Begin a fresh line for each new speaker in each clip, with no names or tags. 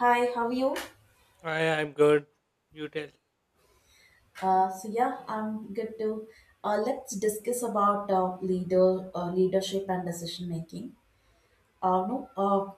Hi, how are you?
I am good. You tell.
So yeah, I'm good too. Let's discuss about leadership and decision making. No,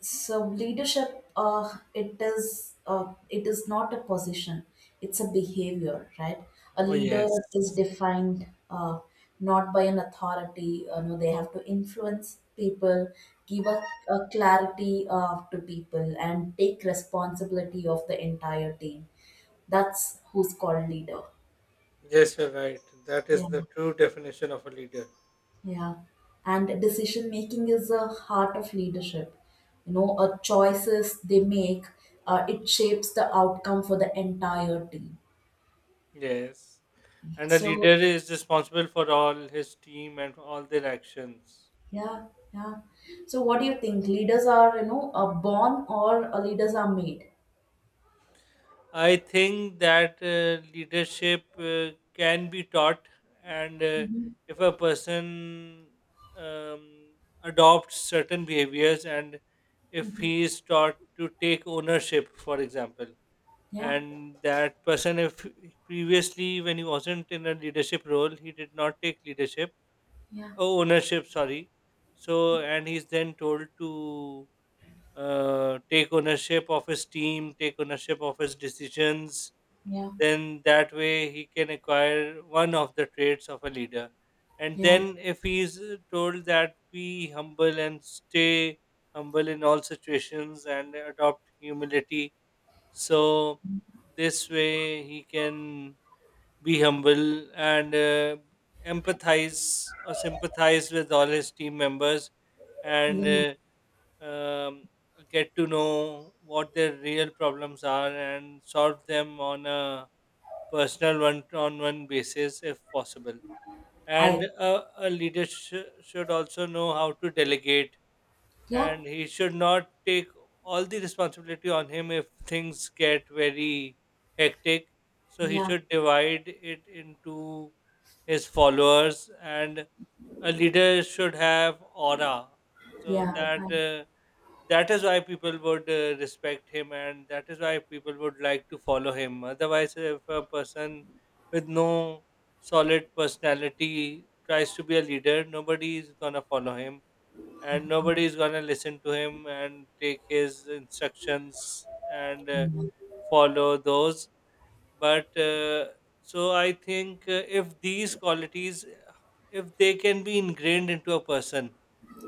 so leadership, it is not a position, it's a behavior, right? A
Oh,
leader is
yes.
defined, not by an authority. No, they have to influence people, give a clarity to people, and take responsibility of the entire team. That's who's called leader.
Yes, you're right. That is
Yeah.
the true definition of a leader.
Yeah, and decision making is the heart of leadership. You know, a choices they make, it shapes the outcome for the entire team.
Yes. And a
So
leader is responsible for all his team and all their actions.
yeah, yeah. So what do you think? Leaders are, born, or leaders are made?
I think that leadership can be taught, and
Hmm.
if a person um, adopts certain behaviors and if he is taught to take ownership, for example.
Yeah,
And that person if previously when he wasn't in a leadership role he did not take leadership,
yeah,
oh, ownership sorry. So and he's then told to take ownership of his team, take ownership of his decisions,
yeah,
then that way he can acquire one of the traits of a leader. And
yeah,
then if he's told that be humble and stay humble in all situations and adopt humility, so this way he can be humble and empathize or sympathize with all his team members and
yeah.
uh, um, get to know what their real problems are and solve them on a personal one-on-one basis if possible.
I
And a leader should also know how to delegate,
Yeah,
and he should not take all the responsibility on him if things get very hectic. So he
yeah,
should divide it into his followers, and a leader should have aura, so
yeah,
that that is why people would respect him, and that is why people would like to follow him. Otherwise, if a person with no solid personality tries to be a leader, nobody is gonna follow him and nobody is gonna listen to him and take his instructions and follow those. But so I think if these qualities, if they can be ingrained into a person,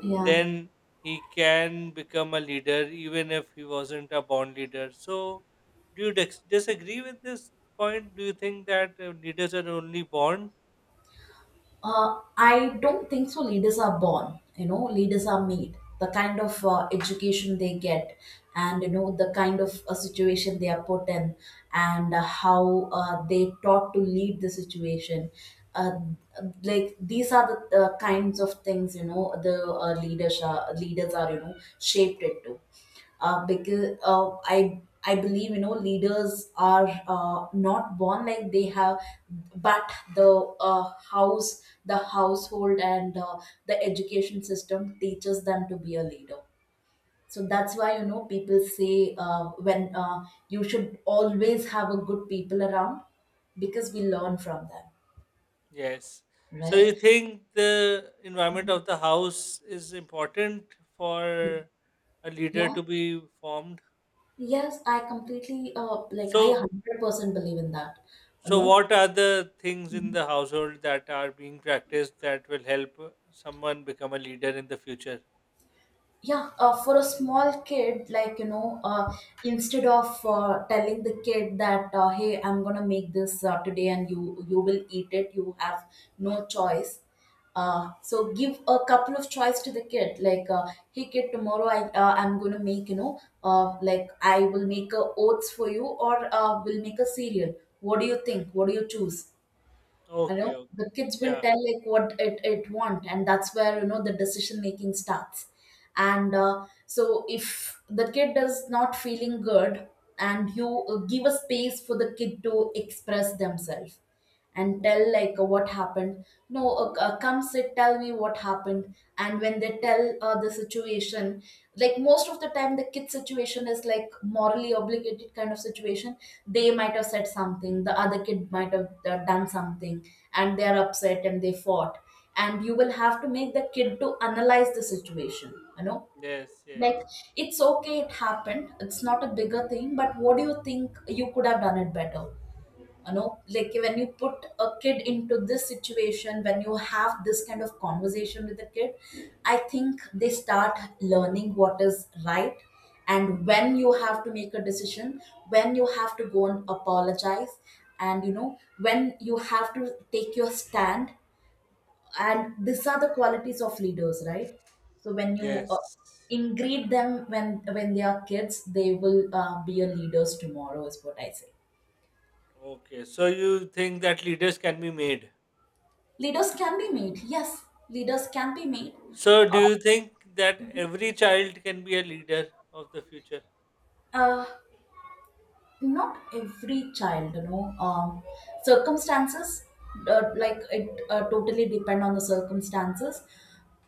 yeah.
then he can become a leader, even if he wasn't a born leader. So, do you disagree with this point? Do you think that leaders are only born?
I don't think so. Leaders are born, you know, leaders are made. The kind of education they get, and, you know, the kind of situation they are put in, and how they taught to lead the situation. Uh, like, these are the kinds of things, you know, the leaders are, you know, shaped into, because I believe, you know, leaders are not born, like they have, but the house, the household, and the education system teaches them to be a leader. So that's why, you know, people say, when you should always have a good people around, because we learn from them,
Yes. So you
right?
think the environment of the house is important for a leader
Yeah.
to be formed?
Yes, I completely like, I
So
100% believe in that.
so
No,
what are the things in the household that are being practiced that will help someone become a leader in the future?
yeah, for a small kid, like, instead of telling the kid that, hey, I'm gonna make this today, and you will eat it, you have no choice. So give a couple of choice to the kid, like, hey kid, tomorrow I'm gonna make, I will make a oats for you, or will make a cereal. What do you think? What do you choose? You
Okay,
know,
okay.
the kids will
Yeah.
tell, like, what it want, and that's where, you know, the decision making starts. And so if the kid is not feeling good, and you give a space for the kid to express themselves, and tell, like, what happened. No, come sit, tell me what happened. And when they tell the situation, like, most of the time the kid situation is like morally obligated kind of situation. They might have said something, the other kid might have done something, and they are upset and they fought, and you will have to make the kid to analyze the situation, you know,
Yes,
like,
yes.
it's okay, it happened, it's not a bigger thing, but what do you think you could have done it better? You know, like, when you put a kid into this situation, when you have this kind of conversation with the kid, I think they start learning what is right, and when you have to make a decision, when you have to go and apologize, and, you know, when you have to take your stand, and these are the qualities of leaders, right? So when you
Yes.
ingrain them when they are kids, they will be a leaders tomorrow is what I say.
Okay. So you think that leaders can be made.
Leaders can be made. Yes, leaders can be made.
So do
Uh,
you think that every child can be a leader of the future?
uh, Not every child, you know, circumstances, it totally depend on the circumstances.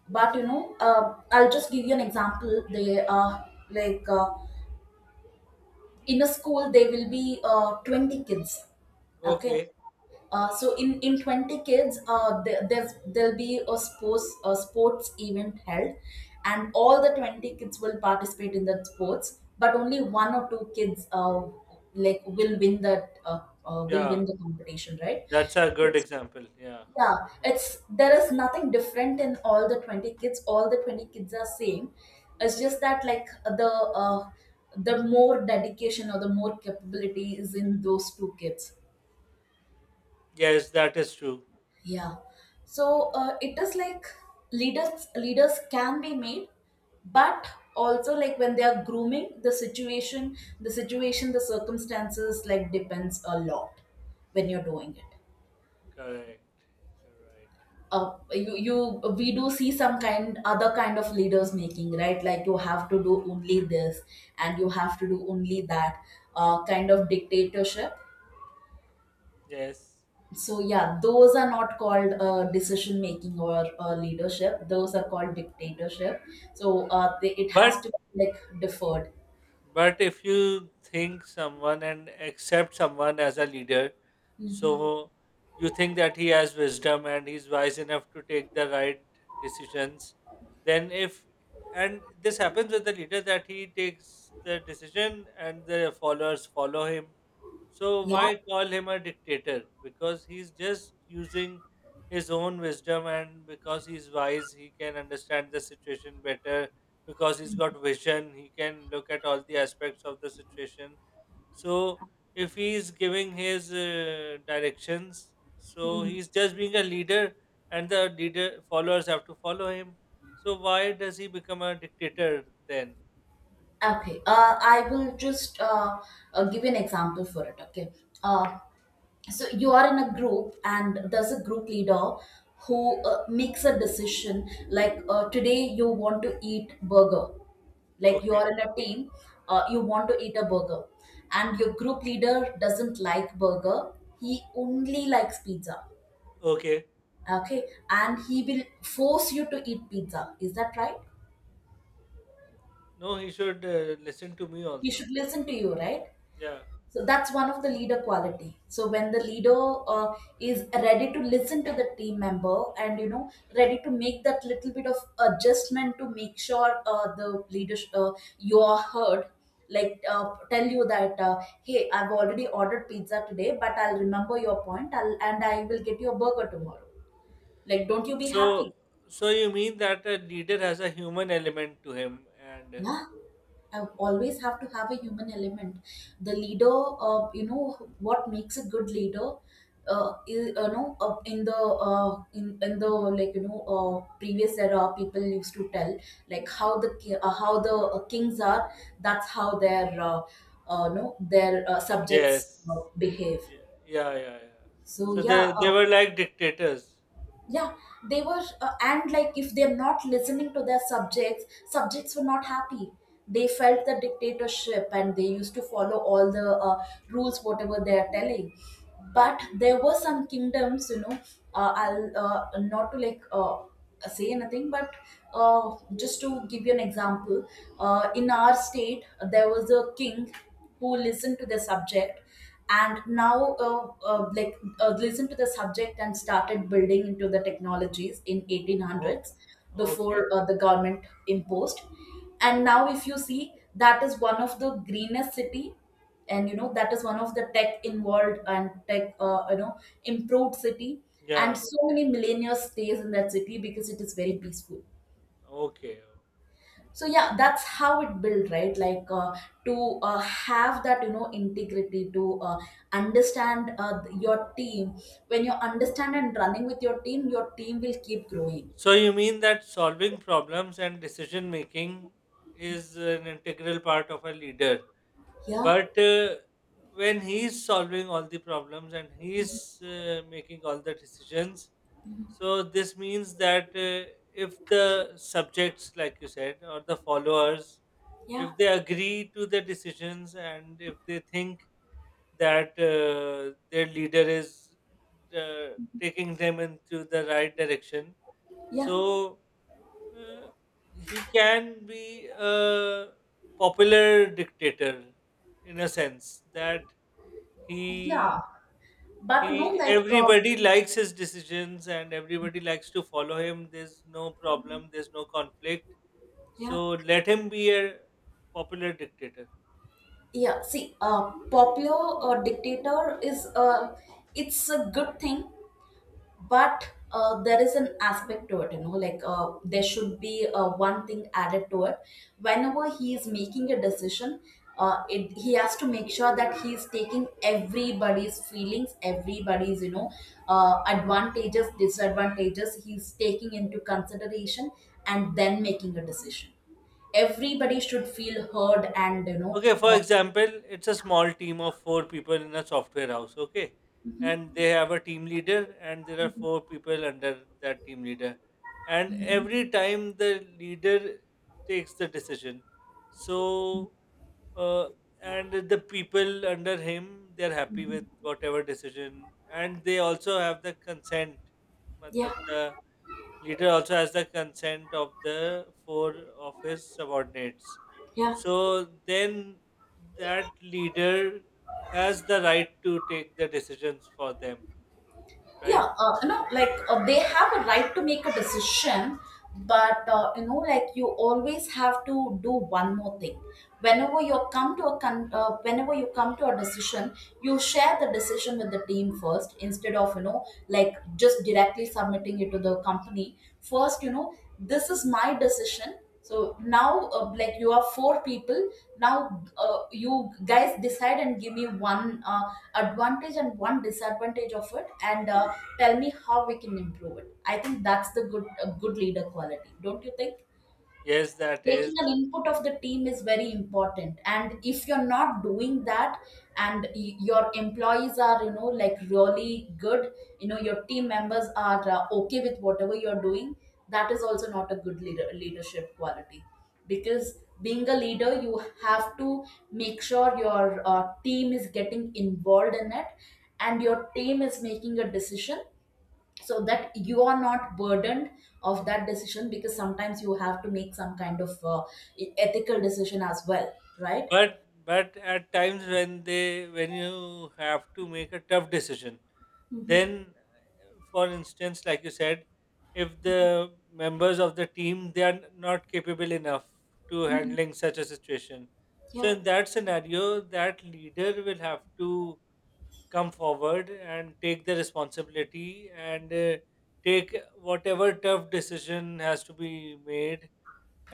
But, you know, I'll just give you an example. They like In a school, there will be 20 kids. Okay.
Okay.
So in 20 kids, there'll be a sports event held, and all the 20 kids will participate in that sports, but only one or two kids, like will win that uh, will win
Yeah.
the competition, right?
That's a good
it's
example. Yeah.
Yeah, it's there is nothing different in all the 20 kids, all the 20 kids are same. It's just that, like, the uh, the more dedication or the more capability is in those two kids.
Yes, that is true.
Yeah. So it is like, leaders can be made, but also, like, when they are grooming, the circumstances, like, depends a lot when you're doing it.
Correct. You're right.
You you We do see some kind other kind of leaders making, right? Like, you have to do only this, and you have to do only that, kind of dictatorship.
Yes.
So yeah, those are not called decision making or leadership, those are called dictatorship. So it has
But.
to be like deferred.
But if you think someone and accept someone as a leader,
Hmm.
so you think that he has wisdom and he's wise enough to take the right decisions, then if and this happens with the leader that he takes the decision and the followers follow him. So
Yeah.
why call him a dictator? Because he's just using his own wisdom, and because he's wise, he can understand the situation better, because he's got vision, he can look at all the aspects of the situation. So if he's giving his directions, so
Hmm.
he's just being a leader, and the leader followers have to follow him. So why does he become a dictator then?
Okay, I will just give you an example for it. Okay. Uh, so you are in a group, and there's a group leader who makes a decision, like, today you want to eat burger. Like, you are
Okay,
in a team, you want to eat a burger, and your group leader doesn't like burger, he only likes pizza.
okay.
Okay. And he will force you to eat pizza. Is that right?
No, he should listen to me
He
also.
should listen to you, right?
Yeah.
So that's one of the leader quality. So when the leader uh, is ready to listen to the team member, and, you know, ready to make that little bit of adjustment to make sure, the leadership you are heard. Like, tell you that, hey, I've already ordered pizza today, but I'll remember your point. I will get you a burger tomorrow. Like, don't you be
So
happy?
so you mean that a leader has a human element to him, and
Yeah, I always have to have a human element. The leader, you know, what makes a good leader, is, you know, in the, like, you know, previous era, people used to tell, like, how the kings are. That's how their no their subjects
yes.
behave.
Yeah, yeah, yeah, yeah.
So
So
yeah,
they were like dictators.
yeah, they were, and, like, if they're not listening to their subjects, subjects were not happy, they
Yeah.
felt the dictatorship, and they used to follow all the rules whatever they are telling. But there were some kingdoms, you know, I'll not to, like, say anything, but, just to give you an example, in our state, there was a king who listened to the subject, and now like listened to the subject and started building into the technologies in
Okay.
1800s
Okay.
before the government imposed. And now if you see, that is one of the greenest city, and, you know, that is one of the tech involved, and tech, you know, improved city,
Yeah.
and so many millennials stays in that city because it is very peaceful.
Okay.
So yeah, that's how it built, right? Like, to have that, you know, integrity to understand your team. When you understand and running with your team, your team will keep growing.
So you mean that solving problems and decision making is an integral part of a leader,
Yeah,
but when he's solving all the problems and he's making all the decisions, so this means that if the subjects, like you said, or the followers,
yeah,
if they agree to the decisions and if they think that their leader is uh, taking them into the right direction.
yeah,
So uh, he can be a popular dictator, in a sense that
yeah,
he
but, you know,
he
like,
everybody likes his decisions and everybody likes to follow him. There's no problem. There's no conflict.
yeah,
So let him be a popular dictator.
yeah, see, popular dictator is, it's a good thing. But, there is an aspect to it, you know, like, there should be one thing added to it. Whenever he is making a decision, he has to make sure that he is taking everybody's feelings, everybody's, advantages, disadvantages, he's taking into consideration, and then making a decision. Everybody should feel heard, and,
Okay, for example, it's a small team of four people in a software house, okay? And
mhm,
they have a team leader, and there are four people under that team leader. And
mhm.
every time the leader takes the decision, so uh, and the people under him they're happy with whatever decision, and they also have the consent.
Yeah,
Matlab, the leader also has the consent of the four of his subordinates,
yeah,
so then that leader has the right to take the decisions for them,
yeah,
right?
you know, like, they have a right to make a decision, but, you know, like, you always have to do one more thing. Whenever you come to a decision, you share the decision with the team first, instead of, you know, like, just directly submitting it to the company first, you know, this is my decision. So now, like, you are four people. Now, you guys decide and give me one advantage and one disadvantage of it, and, tell me how we can improve it. I think that's the good a good leader quality, don't you think?
Yes, that
Taking
is.
an input of the team is very important, and if you're not doing that, and your employees are, you know, like, really good, you know, your team members are okay with whatever you're doing, that is also not a good leadership quality, because being a leader you have to make sure your team is getting involved in it, and your team is making a decision, so that you are not burdened of that decision, because sometimes you have to make some kind of ethical decision as well, right?
But at times when they when you have to make a tough decision,
Mm-hmm.
then for instance, like you said, if the members of the team they are not capable enough to handling such a situation. So
Yeah,
in that scenario, that leader will have to come forward and take the responsibility and take whatever tough decision has to be made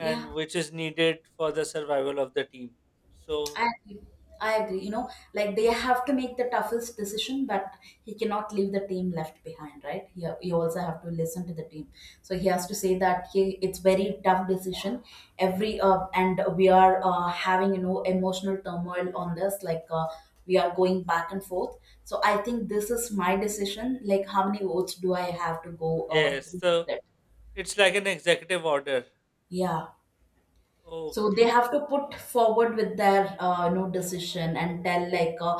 yeah.
which is needed for the survival of the team. So,
I agree. I agree. You know, like, they have to make the toughest decision, but he cannot leave the team left behind, right? He also have to listen to the team. So he has to say that, it's very tough decision. Every And we are having, you know, emotional turmoil on this. Like, we are going back and forth. So I think this is my decision. Like, how many votes do I have to go
yes,
with
so
it?
it's like an executive order.
Yeah. So they
Okay.
have to put forward with their, you know, decision and tell, like,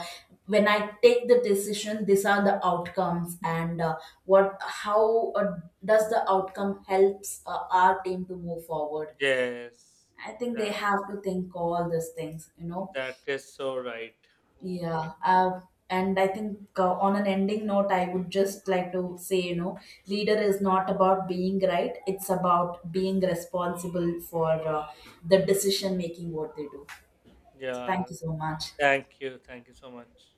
when I take the decision, these are the outcomes, and, what how does the outcome helps our team to move forward.
Yes.
I think they
That
have to think all these things, you know.
that is so right. Okay.
Yeah, and I think, on an ending note, I would just like to say, you know, leader is not about being right, it's about being responsible for uh, the decision making what they do. So
Yeah.
thank you so much.
Thank you. Thank you so much.